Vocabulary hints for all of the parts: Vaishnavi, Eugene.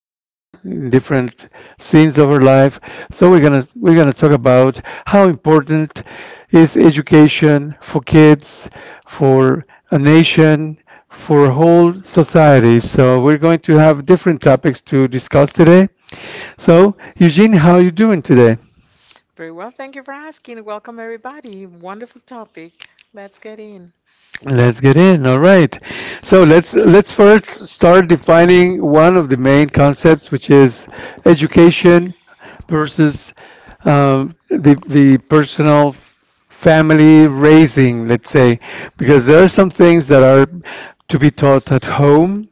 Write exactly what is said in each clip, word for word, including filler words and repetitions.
adults in different scenes of her life. So we're gonna we're gonna talk about how important is education for kids, for a nation, for a whole society. So we're going to have different topics to discuss today. So Eugene, how are you doing today? Very well. Thank you for asking. Welcome, everybody. Wonderful topic. Let's get in. Let's get in. All right. So let's let's first start defining one of the main concepts, which is education versus um, the the personal family raising. Let's say because there are some things that are to be taught at home,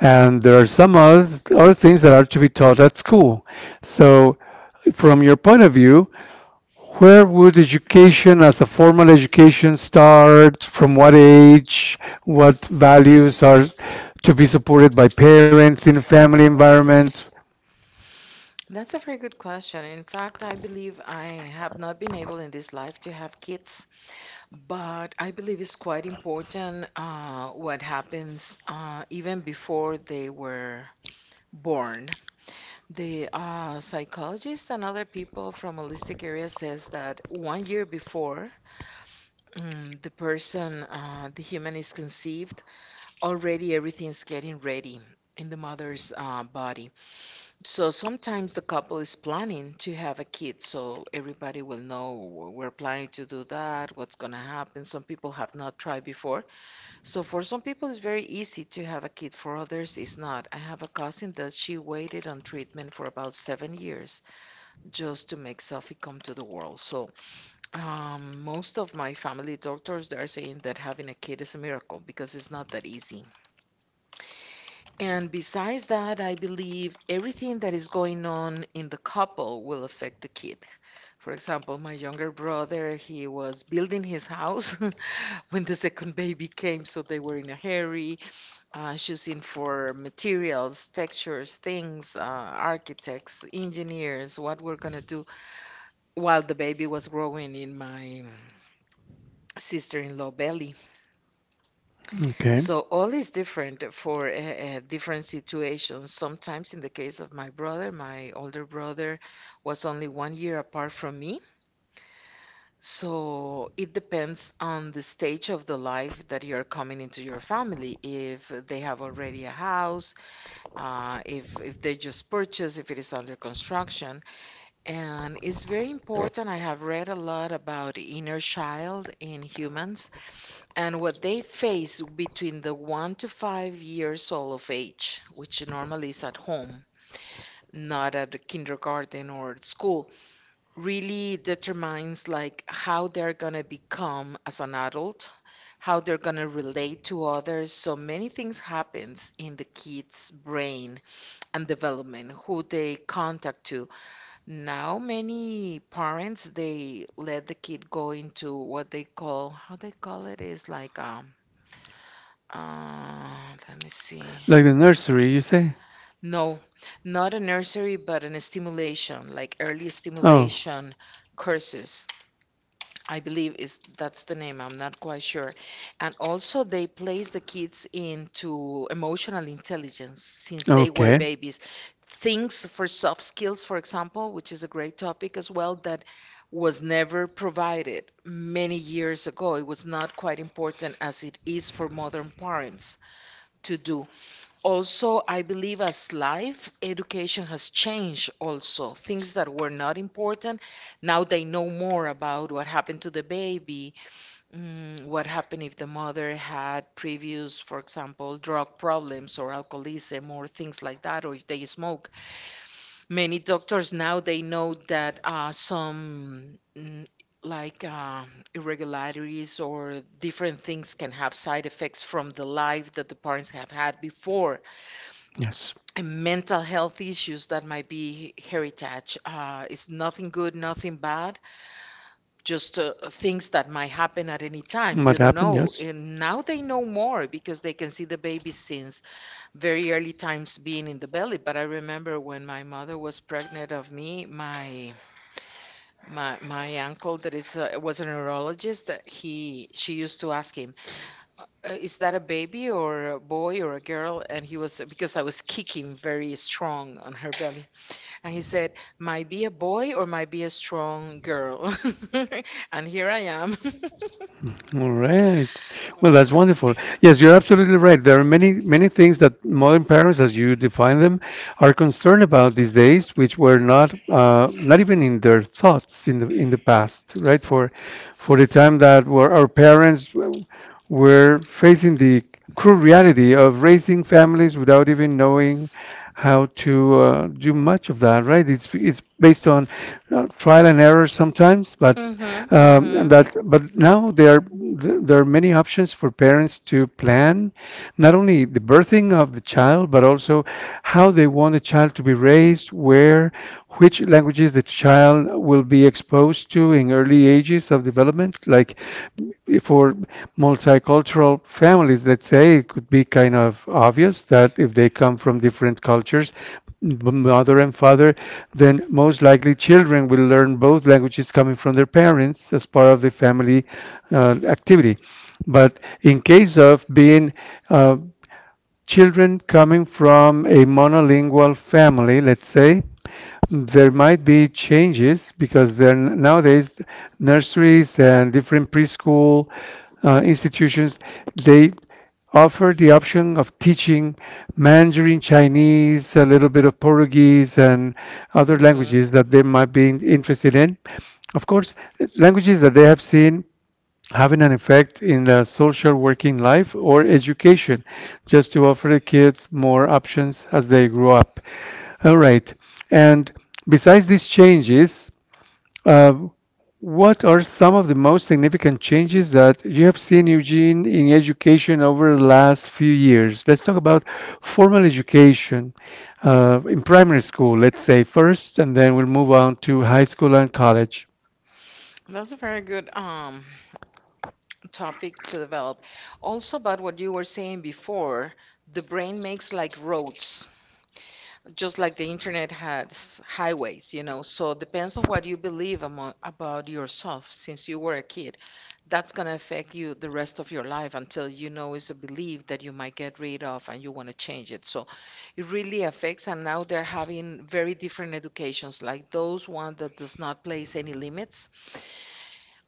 and there are some others, other things that are to be taught at school. So from your point of view, where would education as a formal education start? From what age? What values are to be supported by parents in family environment? That's a very good question. In fact, I believe I have not been able in this life to have kids, but I believe it's quite important uh, what happens uh, even before they were born. The uh, psychologist and other people from holistic area says that one year before mm, the person, uh, the human is conceived, already everything's getting ready in the mother's uh, body. So sometimes the couple is planning to have a kid, so everybody will know we're planning to do that, what's going to happen. Some people have not tried before. So for some people, it's very easy to have a kid, for others, it's not. I have a cousin that she waited on treatment for about seven years just to make Sophie come to the world. So um, most of my family doctors, they're saying that having a kid is a miracle because it's not that easy. And besides that, I believe everything that is going on in the couple will affect the kid. For example, my younger brother, he was building his house when the second baby came, so they were in a hurry, uh, choosing for materials, textures, things, uh, architects, engineers, what we're gonna do while the baby was growing in my sister-in-law belly. Okay. So all is different for uh, uh, different situations. Sometimes, in the case of my brother, my older brother was only one year apart from me. So it depends on the stage of the life that you're coming into your family. If they have already a house, uh, if if they just purchased, if it is under construction, and it's very important. I have read a lot about inner child in humans and what they face between the one to five years old of age, which normally is at home, not at the kindergarten or at school, really determines like how they're gonna become as an adult, how they're gonna relate to others. So many things happens in the kid's brain and development, who they contact to. Now many parents they let the kid go into what they call how they call it is like um uh, let me see. Like the nursery, you say? No, not a nursery, but an stimulation, like early stimulation courses. I believe is that's the name. I'm not quite sure. And also they place the kids into emotional intelligence since they were babies. Things for soft skills, for example, which is a great topic as well, that was never provided many years ago. It was not quite important as it is for modern parents to do. Also, I believe as life education has changed, also things that were not important, now they know more about what happened to the baby, mm, what happened if the mother had previous, for example, drug problems or alcoholism or things like that, or if they smoke. Many doctors now they know that uh, some mm, like uh, irregularities or different things can have side effects from the life that the parents have had before, Yes. and mental health issues that might be heritage. Uh, it's nothing good, nothing bad, just uh, things that might happen at any time. You don't know. And now they know more because they can see the baby since very early times being in the belly. But I remember when my mother was pregnant of me, my my my uncle that is uh, was a neurologist. uh, He she used to ask him, uh, "Is that a baby or a boy or a girl?" And he was, because I was kicking very strong on her belly. And he said, might be a boy or might be a strong girl. And here I am. All right. Well, that's wonderful. Yes, you're absolutely right. There are many, many things that modern parents, as you define them, are concerned about these days, which were not, uh, not even in their thoughts in the in the past, right? For, for the time that were our parents w- were facing the cruel reality of raising families without even knowing how to uh, do much of that, right? It's it's based on uh, On trial trial and and error errors, sometimes, but but mm um, mm-hmm, um, and mm-hmm, that's that's but now there there are th- there are many options for parents to plan, not only the birthing of the child, but also how they want the child to be raised, where, which languages the child will be exposed to in early ages of development, like for multicultural families, let's say, it could be kind of obvious that if they come from different cultures, m- mother and father, then most likely children will learn both languages coming from their parents as part of the family uh, activity. But in case of being uh, children coming from a monolingual family, let's say, there might be changes because there nowadays nurseries and different preschool uh, institutions they offer the option of teaching Mandarin Chinese, a little bit of Portuguese, and other other mm-hmm languages languages. that they might be in- interested in. Of course, languages that they have seen having an effect in the social working life or education, just to offer the kids more options as they grow up. All right. And besides these changes, uh, what are some of the most significant changes that you have seen, Eugene, in education over the last few years? Let's talk about formal education uh, in primary school, let's say first, and then we'll move on to high school and college. That's a very good um topic to develop. Also about what you were saying before, the brain makes like roads, just like the internet has highways, you know. So depends on what you believe amo about yourself since you were a kid. That's going to affect you the rest of your life until you know it's a belief that you might get rid of and you want to change it. So it really affects. And now they're having very different educations, like those one that does not place any limits,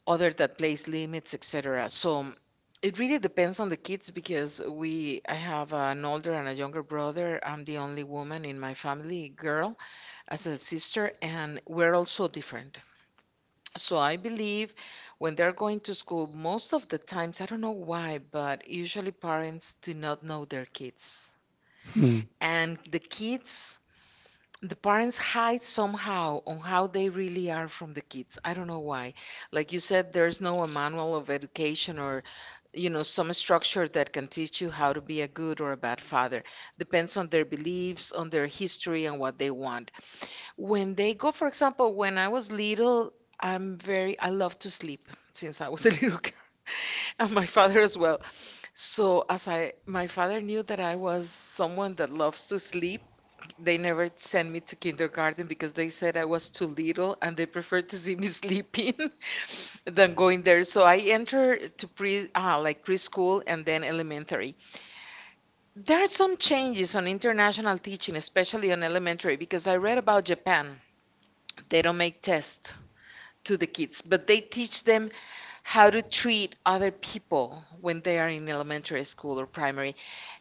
other that place limits, et cetera. So um, it really depends on the kids because we, I have an older and a younger brother. I'm the only woman in my family, girl, as a sister, and we're also different. So I believe when they're going to school, most of the times, I don't know why, but usually parents do not know their kids. Hmm. And the kids, the parents hide somehow on how they really are from the kids. I don't know why. Like you said, there's no a manual of education or you know some structure that can teach you how to be a good or a bad father, depends on their beliefs, on their history and what they want. When they go, for example, when I was little, I'm very, I love to sleep since I was a little girl, and my father as well. So as I my father knew that I was someone that loves to sleep, they never sent me to kindergarten because they said I was too little and they preferred to see me sleeping than going there. So I entered to pre uh, like preschool and then elementary. There are some changes on international teaching, especially on elementary, because I read about Japan. They don't make tests to the kids, but they teach them how to treat other people when they are in elementary school or primary.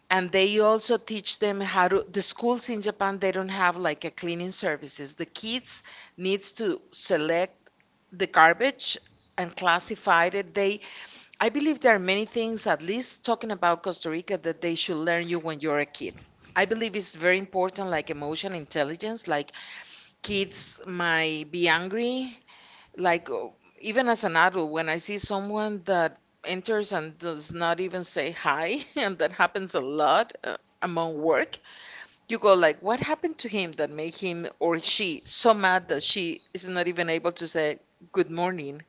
And they also teach them how to, the schools in Japan, they don't have like a cleaning services. The kids needs to select the garbage and classify it. They, I believe there are many things, at least talking about Costa Rica, that they should learn you when you're a kid. I believe it's very important, like emotional intelligence, like kids might be angry, like uh, even as an adult, when I see someone that enters and does not even say hi, and that happens a lot uh, among work, you go like, what happened to him that made him or she so mad that she is not even able to say good morning?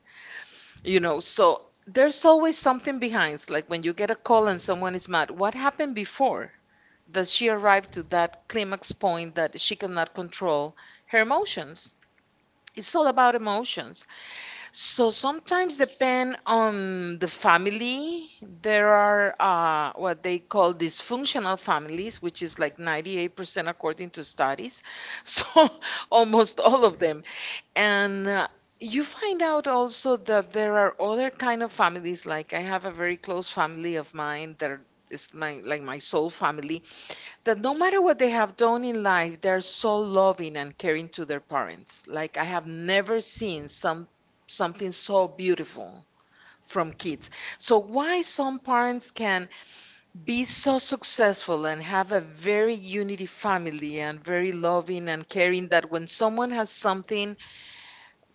You know, so there's always something behind. It's like when you get a call and someone is mad, what happened before? That she arrived to that climax point that she cannot control her emotions. It's all about emotions. So sometimes depend on the family. There are uh, what they call dysfunctional families, which is like ninety-eight percent according to studies. So almost all of them. And uh, you find out also that there are other kind of families. Like I have a very close family of mine that are- is my, like, my soul family, that no matter what they have done in life, they're so loving and caring to their parents. Like I have never seen some something so beautiful from kids. So why some parents can be so successful and have a very unity family and very loving and caring that when someone has something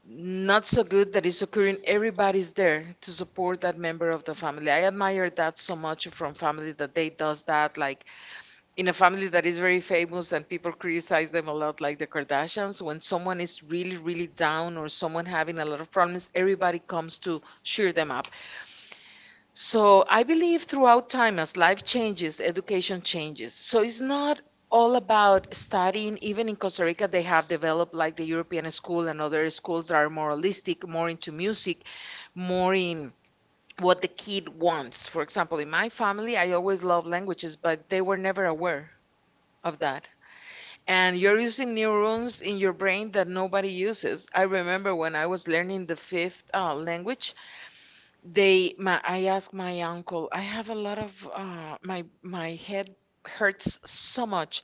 not so good that is occurring, everybody's there to support that member of the family. I admire that so much from family that they does that. Like in a family that is very famous and people criticize them a lot, like the Kardashians, when someone is really, really down or someone having a lot of problems, everybody comes to cheer them up. So I believe throughout time, as life changes, education changes. So it's not all about studying. Even in Costa Rica, they have developed like the European school and other schools that are more holistic, more into music, more in what the kid wants. For example, in my family, I always loved languages, but they were never aware of that. And you're using neurons in your brain that nobody uses. I remember when I was learning the fifth uh, language, they, my, I asked my uncle, I have a lot of, uh, my, my head hurts so much.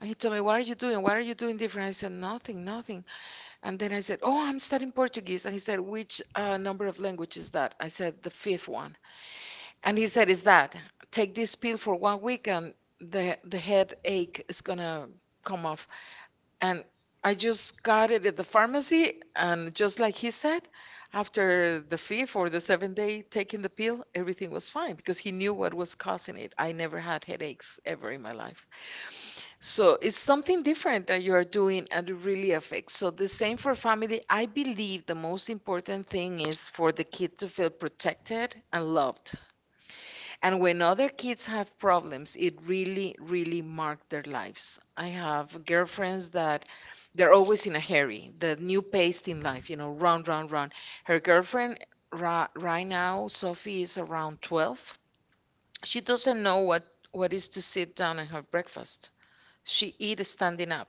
And he told me, what are you doing? What are you doing different? I said, nothing, nothing. And then I said, oh, I'm studying Portuguese. And he said, which uh, number of language is that? I said, the fifth one. And he said, is that, take this pill for one week and the, the headache is gonna come off. And I just got it at the pharmacy. And just like he said, after the fifth or the seventh day taking the pill, everything was fine because he knew what was causing it. I never had headaches ever in my life. So it's something different that you are doing and it really affects. So the same for family. I believe the most important thing is for the kid to feel protected and loved, and when other kids have problems, it really, really marked their lives. I have girlfriends that they're always in a hurry, the new pace in life, you know, run, run, run. Her girlfriend ri- right now, Sophie, is around twelve. She doesn't know what, what is to sit down and have breakfast. She eats standing up.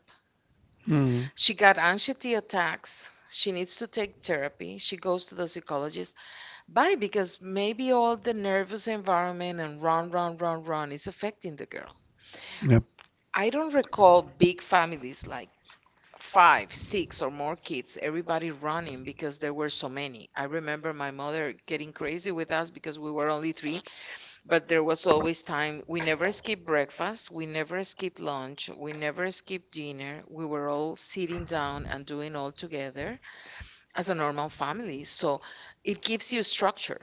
Hmm. She got anxiety attacks. She needs to take therapy. She goes to the psychologist. Why? Because maybe all the nervous environment and run, run, run, run is affecting the girl. Yep. I don't recall big families like five, six, or more kids, everybody running because there were so many. I remember my mother getting crazy with us because we were only three, but there was always time. We never skipped breakfast, we never skipped lunch, we never skipped dinner. We were all sitting down and doing all together as a normal family. So it gives you structure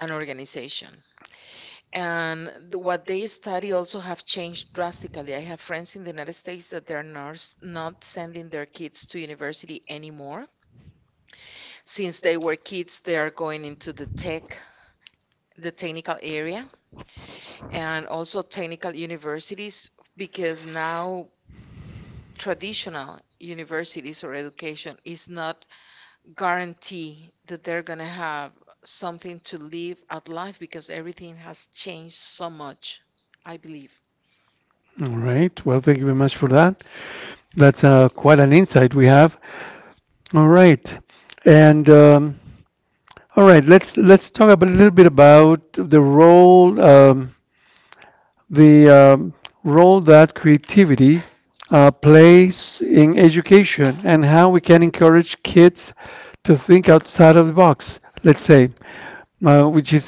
and organization. And the, what they study also have changed drastically. I have friends in the United States that they're not, not sending their kids to university anymore. Since they were kids, they are going into the tech, the technical area, and also technical universities, because now traditional universities or education is not guarantee that they're going to have something to live at life because everything has changed so much, I believe. All right. Well, thank you very much for that. That's uh, quite an insight we have. All right. And um, all right, let's let's talk about a little bit about the role um, the um, role that creativity uh, plays in education and how we can encourage kids to think outside of the box, let's say, uh, which is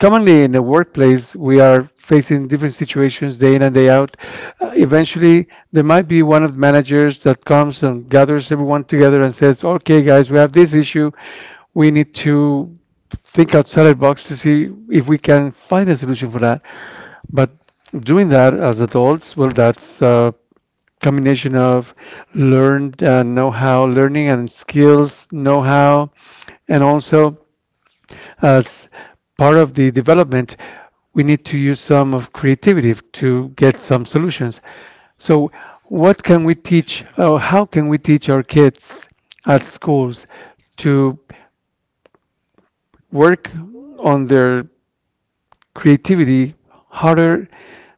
commonly in the workplace, we are facing different situations day in and day out. Uh, eventually, there might be one of the managers that comes and gathers everyone together and says, okay, guys, we have this issue. We need to think outside the box to see if we can find a solution for that. But doing that as adults, well, that's a combination of learned uh, know-how, learning and skills know-how, and also as part of the development, we need to use some of creativity to get some solutions. So, what can we teach, or how can we teach our kids at schools to work on their creativity harder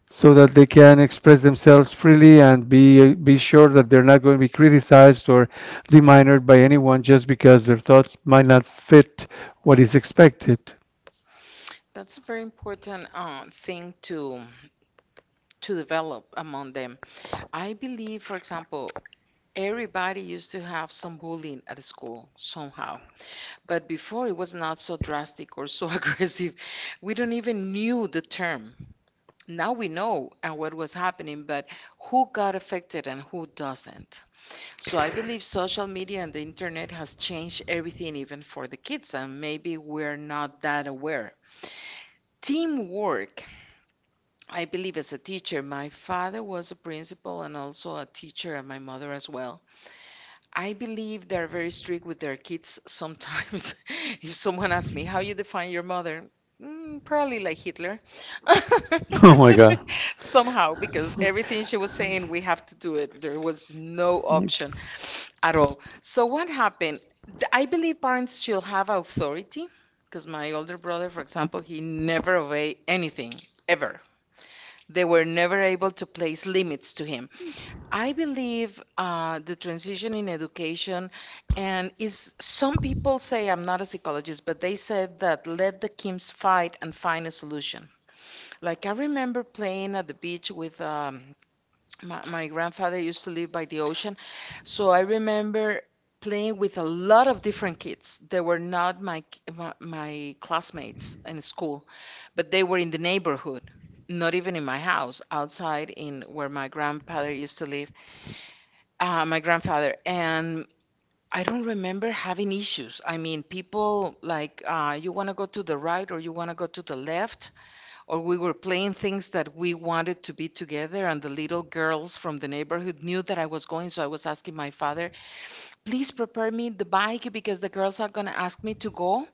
so that they can express themselves freely and be be sure that they're not going to be criticized or deminuted by anyone just because their thoughts might not fit what is expected. That's a very important uh, thing to to develop among them. I believe, for example, everybody used to have some bullying at school somehow, but before it was not so drastic or so aggressive. We don't even knew the term. Now we know and what was happening, but who got affected and who doesn't. So I believe social media and the internet has changed everything even for the kids, and maybe we're not that aware. Teamwork. I believe as a teacher, my father was a principal and also a teacher, and my mother as well. I believe they're very strict with their kids sometimes. If someone asks And me, how you define your mother? Mm, probably like Hitler. Oh my God. Somehow, because everything she was saying, we have to do it. There was no option at all. So what happened? Th- I believe parents should have authority because my older brother, for example, he never obeyed anything, ever. They were never able to place limits to him. I believe uh, the transition in education, and is some people say I'm not a psychologist, but they said that let the Kims fight and find a solution. Like I remember playing at the beach with um, my, my grandfather used to live by the ocean, so I remember playing with a lot of different kids. They were not my k- my, my classmates in school, but they were in the neighborhood, not even in my house, outside in where my grandfather used to live. Uh, my grandfather, and I don't remember having issues. I mean, people like uh, you want to go to the right or you want to go to the left, or we were playing things that we wanted to be together, and the little girls from the neighborhood knew that I was going, so I was asking my father, "Please prepare me the bike because the girls are going to ask me to go,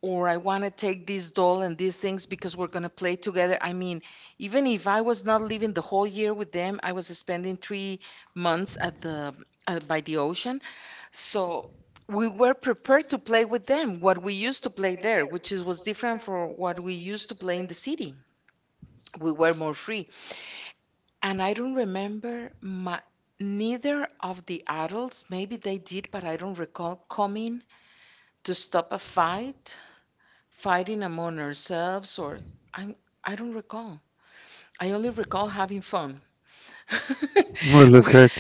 or I want to take this doll and these things because we're going to play together." I mean, even if I was not living the whole year with them, I was spending three months at the uh, by the ocean. So we were prepared to play with them what we used to play there, which is was different from what we used to play in the city. We were more free. And I don't remember my, neither of the adults, maybe they did, but I don't recall coming to stop a fight, fighting among ourselves, or I'm I don't recall. I only recall having fun. Oh, that's Wh- great.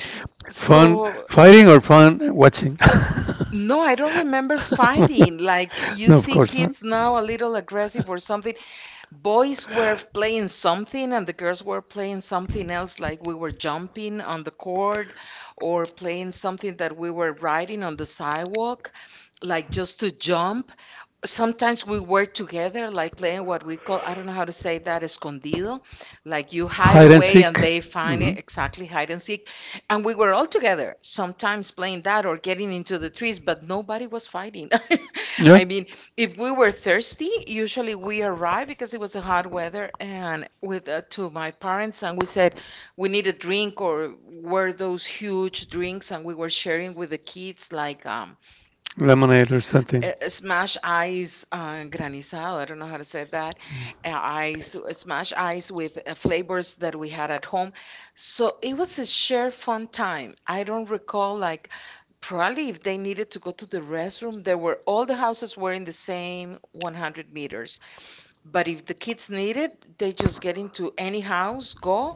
Fun So, So fighting or fun watching? no, I no, I don't remember fighting. Like you see kids now a little aggressive or something. Boys were playing something and the girls were playing something else, like we were jumping on the court or playing something that we were riding on the sidewalk, like just to jump. Sometimes we were together, like playing what we call, I don't know how to say that, escondido. Like you hide. Hide and away and seek. They find it, exactly, hide and seek. And we were all together, sometimes playing that or getting into the trees, but nobody was fighting. Yeah. I mean, if we were thirsty, usually we arrived because it was a hot weather, and with uh, to my parents, and we said we need a drink, or were those huge drinks and we were sharing with the kids like um lemonade or something. uh, smash ice uh, granizado. I don't know how to say that. Uh, ice, uh, smash ice with uh, flavors that we had at home. So it was a sheer fun time. I don't recall, like, probably if they needed to go to the restroom, there were all the houses were in the same one hundred meters. But if the kids needed, they just get into any house, go,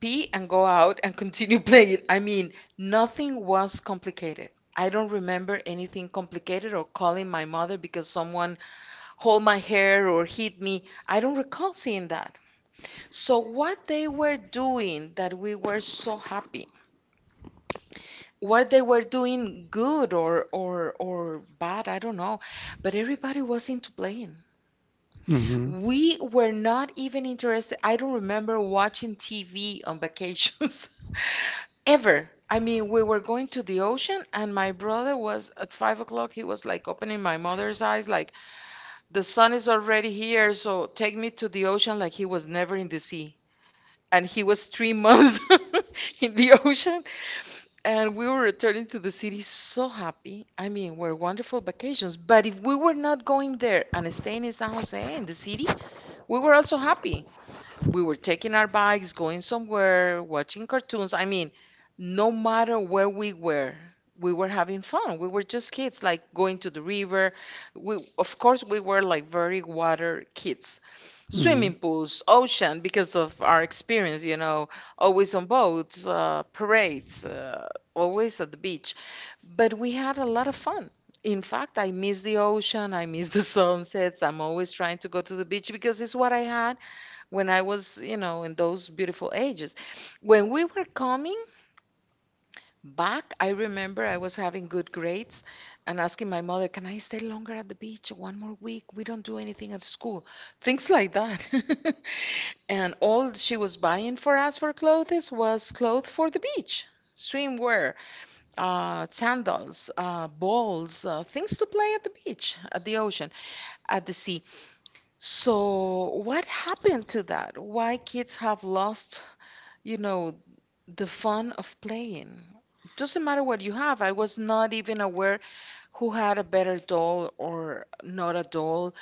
pee and go out and continue playing. I mean, nothing was complicated. I don't remember anything complicated or calling my mother because someone hold my hair or hit me. I don't recall seeing that. So what they were doing that we were so happy. What they were doing good or or or bad, I don't know, but everybody was into playing. hmm We were not even interested. I don't remember watching T V on vacations. Ever. I mean, we were going to the ocean, and my brother was at five o'clock. He was like opening my mother's eyes, like, the sun is already here, so take me to the ocean, like he was never in the sea. And he was three months in the ocean. And we were returning to the city so happy. I mean, were wonderful vacations. But if we were not going there and staying in San Jose in the city, we were also happy. We were taking our bikes, going somewhere, watching cartoons. I mean, no matter where we were, we were having fun. We were just kids, like going to the river. We, of course, we were like very water kids. Swimming pools, ocean, because of our experience, you know, always on boats, uh, parades, uh, always at the beach. But we had a lot of fun. In fact, I miss the ocean, I miss the sunsets. I'm always trying to go to the beach because it's what I had when I was, you know, in those beautiful ages. When we were coming back, I remember I was having good grades and asking my mother, "Can I stay longer at the beach one more week? We don't do anything at school." Things like that. And all she was buying for us for clothes was clothes for the beach. Swimwear, uh, sandals, uh, balls, uh, things to play at the beach, at the ocean, at the sea. So, what happened to that? Why kids have lost, you know, the fun of playing. Doesn't matter what you have. I was not even aware who had a better doll or not a doll.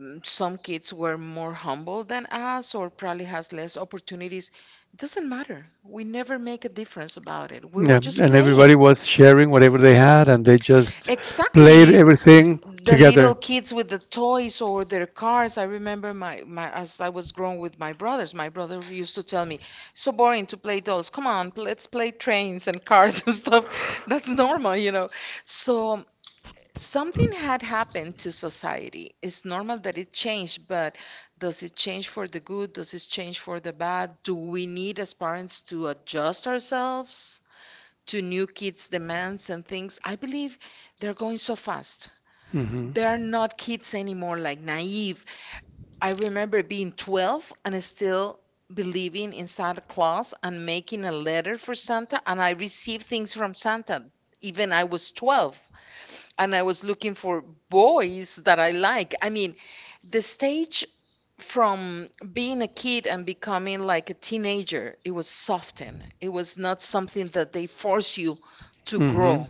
Mm, Some kids were more humble than us or probably has less opportunities. Doesn't matter. We never make a difference about it. We were Yeah, Just- just and everybody playing. was sharing whatever they had, and they just played Exactly. th- everything. The The little kids with the toys or their cars. I remember my, my as I was growing with my brothers, my brother used to tell me, "So boring to play dolls. Come on, pl- let's play trains and cars and stuff." That's normal, you know. So something had happened to society. It's normal that it changed, but does it change for the good? Does it change for the bad? Do we need as parents to adjust ourselves to new kids' demands and things. I believe they're going so fast. hmm They're not kids anymore, like naive. I remember being twelve and still believing in Santa Claus and making a letter for Santa, and I received things from Santa. Even I was twelve and I was looking for boys that I like. I mean, the stage from being a kid and becoming like a teenager, it was softened. It was not something that they force you to hmm grow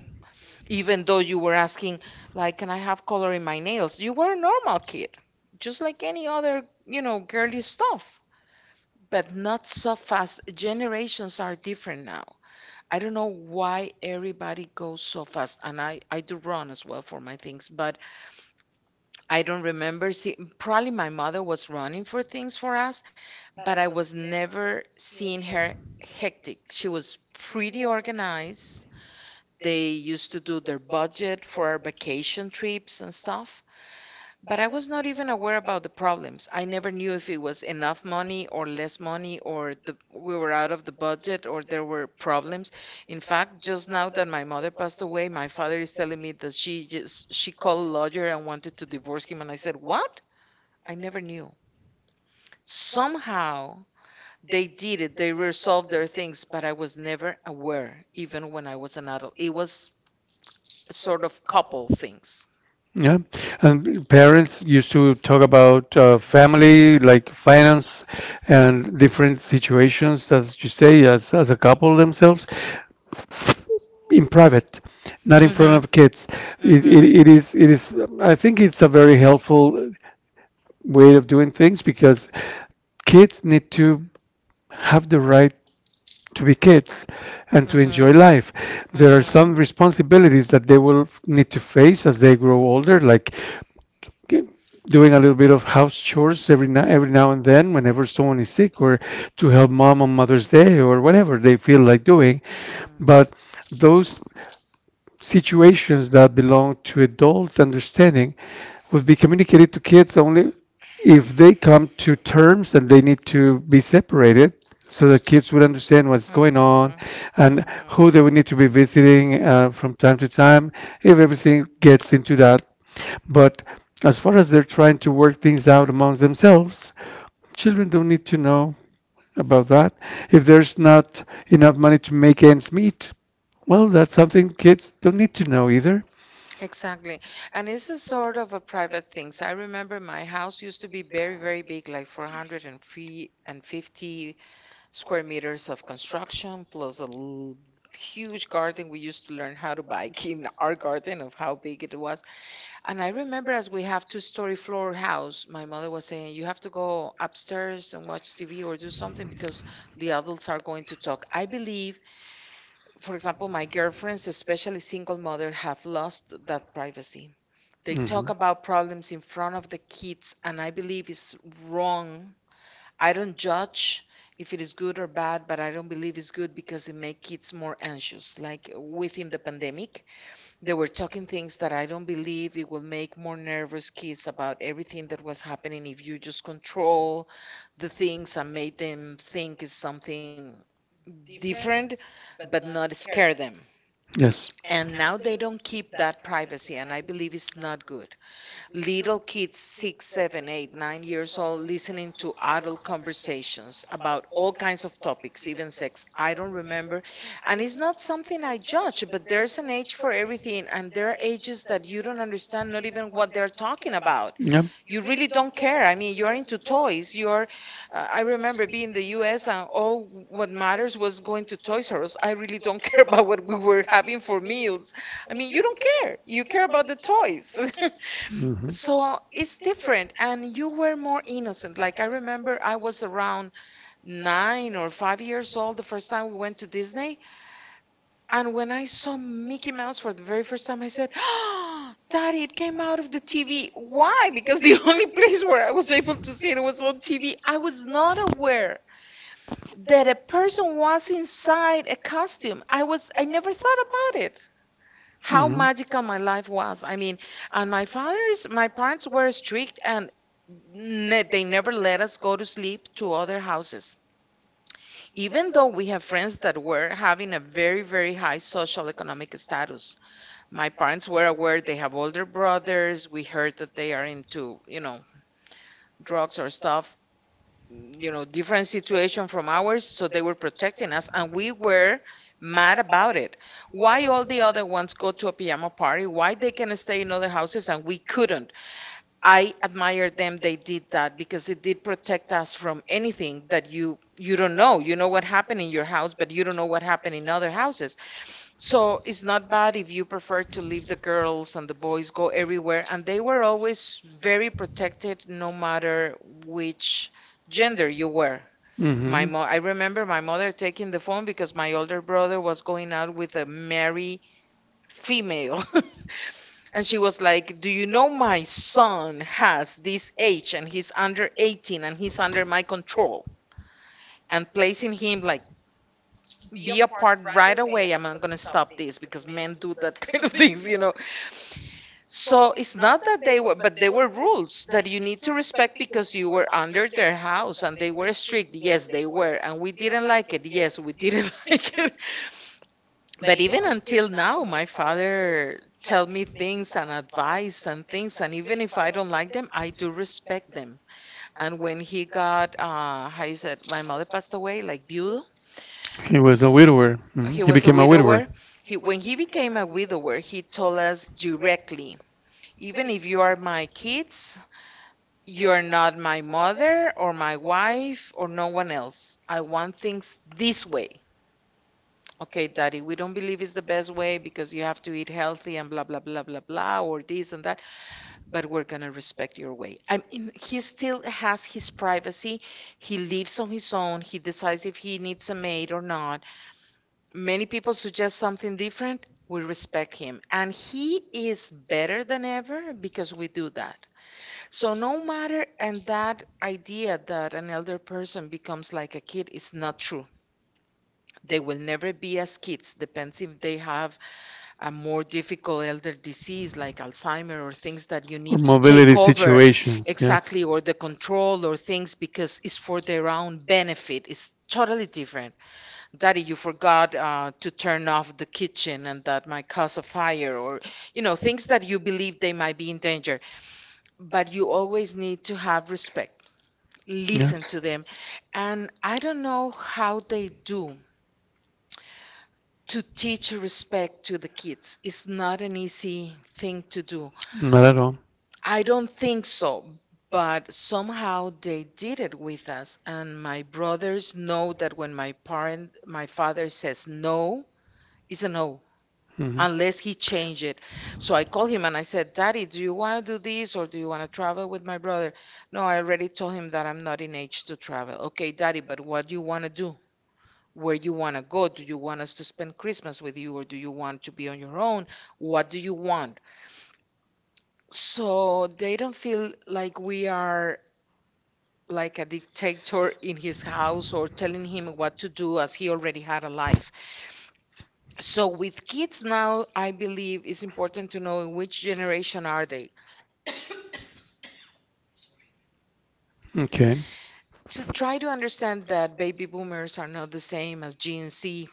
even though you were asking, like, can I have color in my nails? You were a normal kid, just like any other, you know, girly stuff. But not so fast. Generations are different now. I don't know why everybody goes so fast, and i i do run as well for my things. But I don't remember. See, probably my mother was running for things for us, but I was never seeing her hectic. She was pretty organized. They used to do their budget for our vacation trips and stuff, but I was not even aware about the problems. I never knew if it was enough money or less money or the, we were out of the budget or there were problems. In fact, just now that my mother passed away, my father is telling me that she just she called a lawyer and wanted to divorce him, and I said, "What? I never knew." Somehow they did it. They resolved their things, but I was never aware even when I was an adult. It was sort of couple things. Yeah. And parents used to talk about uh, family, like finance and different situations, as you say, as, as a couple themselves, in private, not in front of kids. It, it, Mm-hmm. it is, it is, I think it's a very helpful way of doing things because kids need to have the right to be kids and to Mm-hmm. enjoy Mm-hmm. life. There Mm-hmm. are some Mm-hmm. responsibilities that they will need to face as they grow older, like g- doing a little bit of house chores every now, every now and then whenever someone is sick or to help mom on Mother's Day or whatever they feel like doing. But those situations that belong to adult understanding would be communicated to kids only if they come to terms and they need to be separated so that kids would understand what's going on and who they would need to be visiting uh, from time to time if everything gets into that. But as far as they're trying to work things out amongst themselves, children don't need to know about that. If there's not enough money to make ends meet, well, that's something kids don't need to know either. Exactly. And this is sort of a private thing. So I remember my house used to be very, very big, like four hundred fifty square meters of construction, plus a l- huge garden. We used to learn how to bike in our garden of how big it was. And I remember, as we have two-story floor house, my mother was saying, you have to go upstairs and watch T V or do something because the adults are going to talk. I believe, for example, my girlfriends, especially single mother, have lost that privacy. They Hmm talk about problems in front of the kids, and I believe it's wrong. I don't judge if it is good or bad, but I don't believe it's good because it makes kids more anxious. Like, within the pandemic, they were talking things that I don't believe it will make more nervous kids about everything that was happening if you just control the things and make them think it's something different, but not scare them. Yes. And now they don't keep that privacy, and I believe it's not good little kids, six, seven, eight, nine years old, listening to adult conversations about all kinds of topics, even sex. I don't remember. And it's not something I judge, but there's an age for everything, and there are ages that you don't understand, not even what they're talking about. Yep. You really don't care. I mean, you're into toys. You're, uh, I remember being in the U S, and all what matters was going to Toys R Us. I really don't care about what we were having for meals. I mean, you don't care. You care about the toys. hmm So it's different. And you were more innocent. Like, I remember I was around nine or five years old the first time we went to Disney. And when I saw Mickey Mouse for the very first time, I said, oh, Daddy, it came out of the T V. Why? Because the only place where I was able to see it was on T V. I was not aware that a person was inside a costume. I was I never thought about it. How magical my life was. I mean, and my father's my parents were strict, and ne- they never let us go to sleep to other houses. Even though we have friends that were having a very, very high social economic status, my parents were aware they have older brothers. We heard that they are into, you know, drugs or stuff, you know, different situation from ours. So they were protecting us, and we were mad about it. Why all the other ones go to a pajama party? Why they can stay in other houses and we couldn't? I admire them. They did that because it did protect us from anything that you you don't know. You know what happened in your house, but you don't know what happened in other houses. So it's not bad if you prefer to leave the girls and the boys go everywhere. And they were always very protected, no matter which gender you were. My My mo I remember my mother taking the phone because my older brother was going out with a married female. And she was like, do you know my son has this age and he's under eighteen and he's under my control? And placing him like, be apart right away. I'm not going to stop this because men do that kind of things, you know. So it's not that they were, but there were rules that you need to respect because you were under their house and they were strict. Yes, they were. And we didn't like it. Yes, we didn't like it. But even until now, my father tell me things and advice and things. And even if I don't like them, I do respect them. And when he got, uh, how you said, my mother passed away, like viudo, He was a widower. He Mhm. He he was a was a became a widower. Widower. widower. He, when he became a widower, he told us directly, even if you are my kids, you are not my mother or my wife or no one else. I want things this way. Okay, Daddy, we don't believe it's the best way because you have to eat healthy and blah, blah, blah, blah, blah, or this and that, but we're going to respect your way. I mean, he still has his privacy. He lives on his own. He decides if he needs a maid or not. Many people suggest something different. We respect him. And he is better than ever because we do that. So no matter, and that idea that an elder person becomes like a kid is not true. They will never be as kids. Depends if they have a more difficult elder disease like Alzheimer or things that you need to take over exactly or the control or things because it's for their own benefit. It's totally different. Daddy, you forgot uh, to turn off the kitchen and that might cause a fire, or, you know, things that you believe they might be in danger. But you always need to have respect, listen to them. And I don't know how they do to teach respect to the kids. It's not an easy thing to do. Not at all. I don't think so, but somehow they did it with us. And my brothers know that when my parent, my father says no, it's a no. Mm, Unless he changed it. So I called him and I said, Daddy, do you want to do this or do you want to travel with my brother? No, I already told him that I'm not in age to travel. Okay, Daddy, but what do you want to do? Where you want to go. Do you want us to spend Christmas with you or do you want to be on your own? What do you want? So they don't feel like we are like a dictator in his house or telling him what to do as he already had a life. So with kids now, I believe it's important to know in which generation are they. Okay. To try to understand that baby boomers are not the same as Gen Z,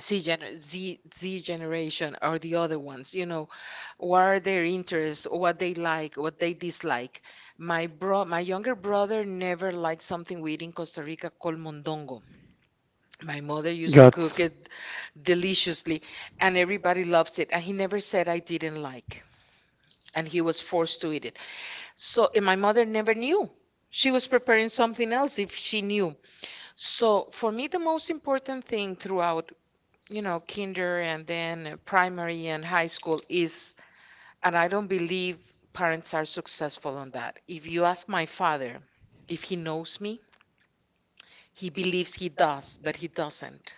C gener Z, Z generation or the other ones. You know, what are their interests, what they like, what they dislike. My bro, my younger brother never liked something we eat in Costa Rica called mondongo. My mother used to cook Guts. it deliciously, and everybody loves it. And he never said I didn't like, and he was forced to eat it. So, and my mother never knew. She was preparing something else if she knew. So, for me, the most important thing throughout, you know, kinder and then primary and high school is. And I don't believe parents are successful on that. If you ask my father if he knows me, he believes he does, but he doesn't.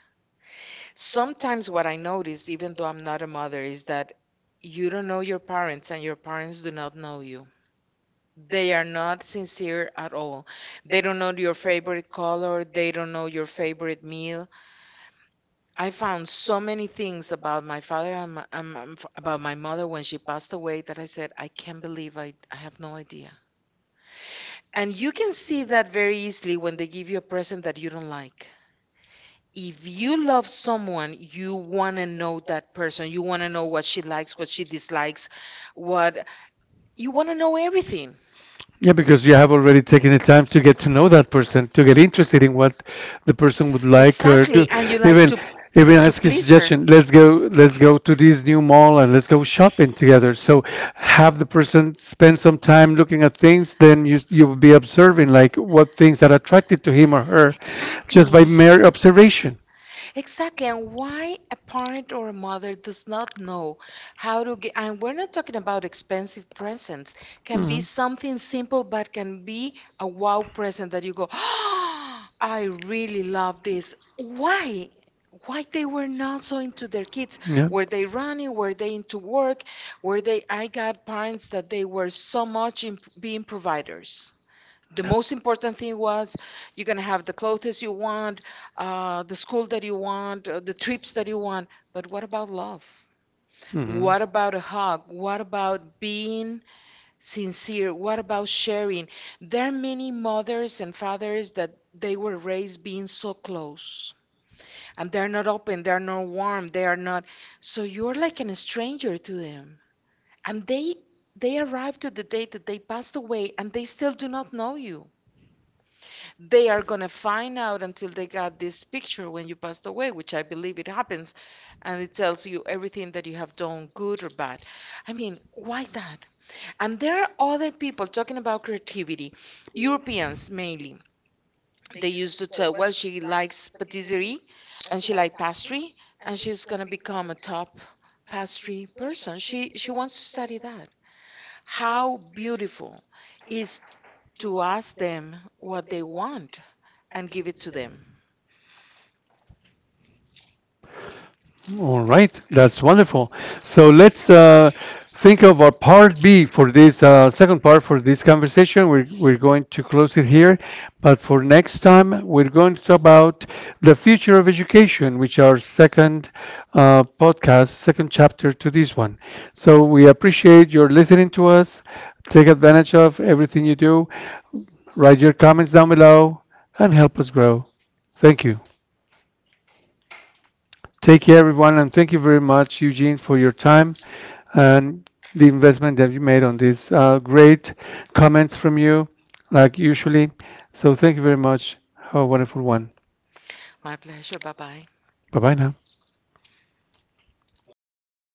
Sometimes what I notice, even though I'm not a mother, is that you don't know your parents and your parents do not know you. They are not sincere at all. They don't know your favorite color. They don't know your favorite meal. I found so many things about my father and, my, and my- about my mother when she passed away that I said, I can't believe I, I have no idea. And you can see that very easily when they give you a present that you don't like. If you love someone, you want to know that person. You want to know what she likes, what she dislikes, what, you want to know everything. Yeah, because you have already taken the time to get to know that person, to get interested in what the person would like or do. Exactly. And you like Even to even to ask a please her. suggestion. Let's Exactly. go. Let's go to this new mall and let's go shopping together. So have the person spend some time looking at things. Then you you'll be observing like what things are attracted to him or her, just by mere observation. Exactly. And why a parent or a mother does not know how to get, and we're not talking about expensive presents, can be something simple, but can be a wow Mhm. present that you go, oh, I really love this. Why? Why they were not so into their kids? Were they running? Were they into work? Were they, I got parents that they were so much in being providers the most important thing was you're going to have the clothes you want, uh, the school that you want, uh, the trips that you want. But what about love? hmm What about a hug? What about being sincere? What about sharing? There are many mothers and fathers that they were raised being so close and they're not open, they're not warm, they are not. So you're like an stranger to them. And they they arrived to the day that they passed away and they still do not know you. They are going to find out until they got this picture when you passed away, which I believe it happens, and it tells you everything that you have done, good or bad. I mean, why that? And there are other people talking about creativity, Europeans mainly. They used to tell, well, she likes patisserie and she likes pastry, and she's going to become a top pastry person. She she wants to study that. How beautiful is to ask them what they want and give it to them. All right, that's wonderful. So let's uh, think of our part B for this uh, second part for this conversation. We're, we're going to close it here, but for next time, we're going to talk about the future of education, which our second uh, podcast, second chapter to this one. So we appreciate your listening to us. Take advantage of everything you do. Write your comments down below and help us grow. Thank you. Take care, everyone, and thank you very much, Eugene, for your time and the investment that you made on this. Uh, great comments from you, like usually. So thank you very much. Have a wonderful one. My pleasure. Bye bye. Bye bye now.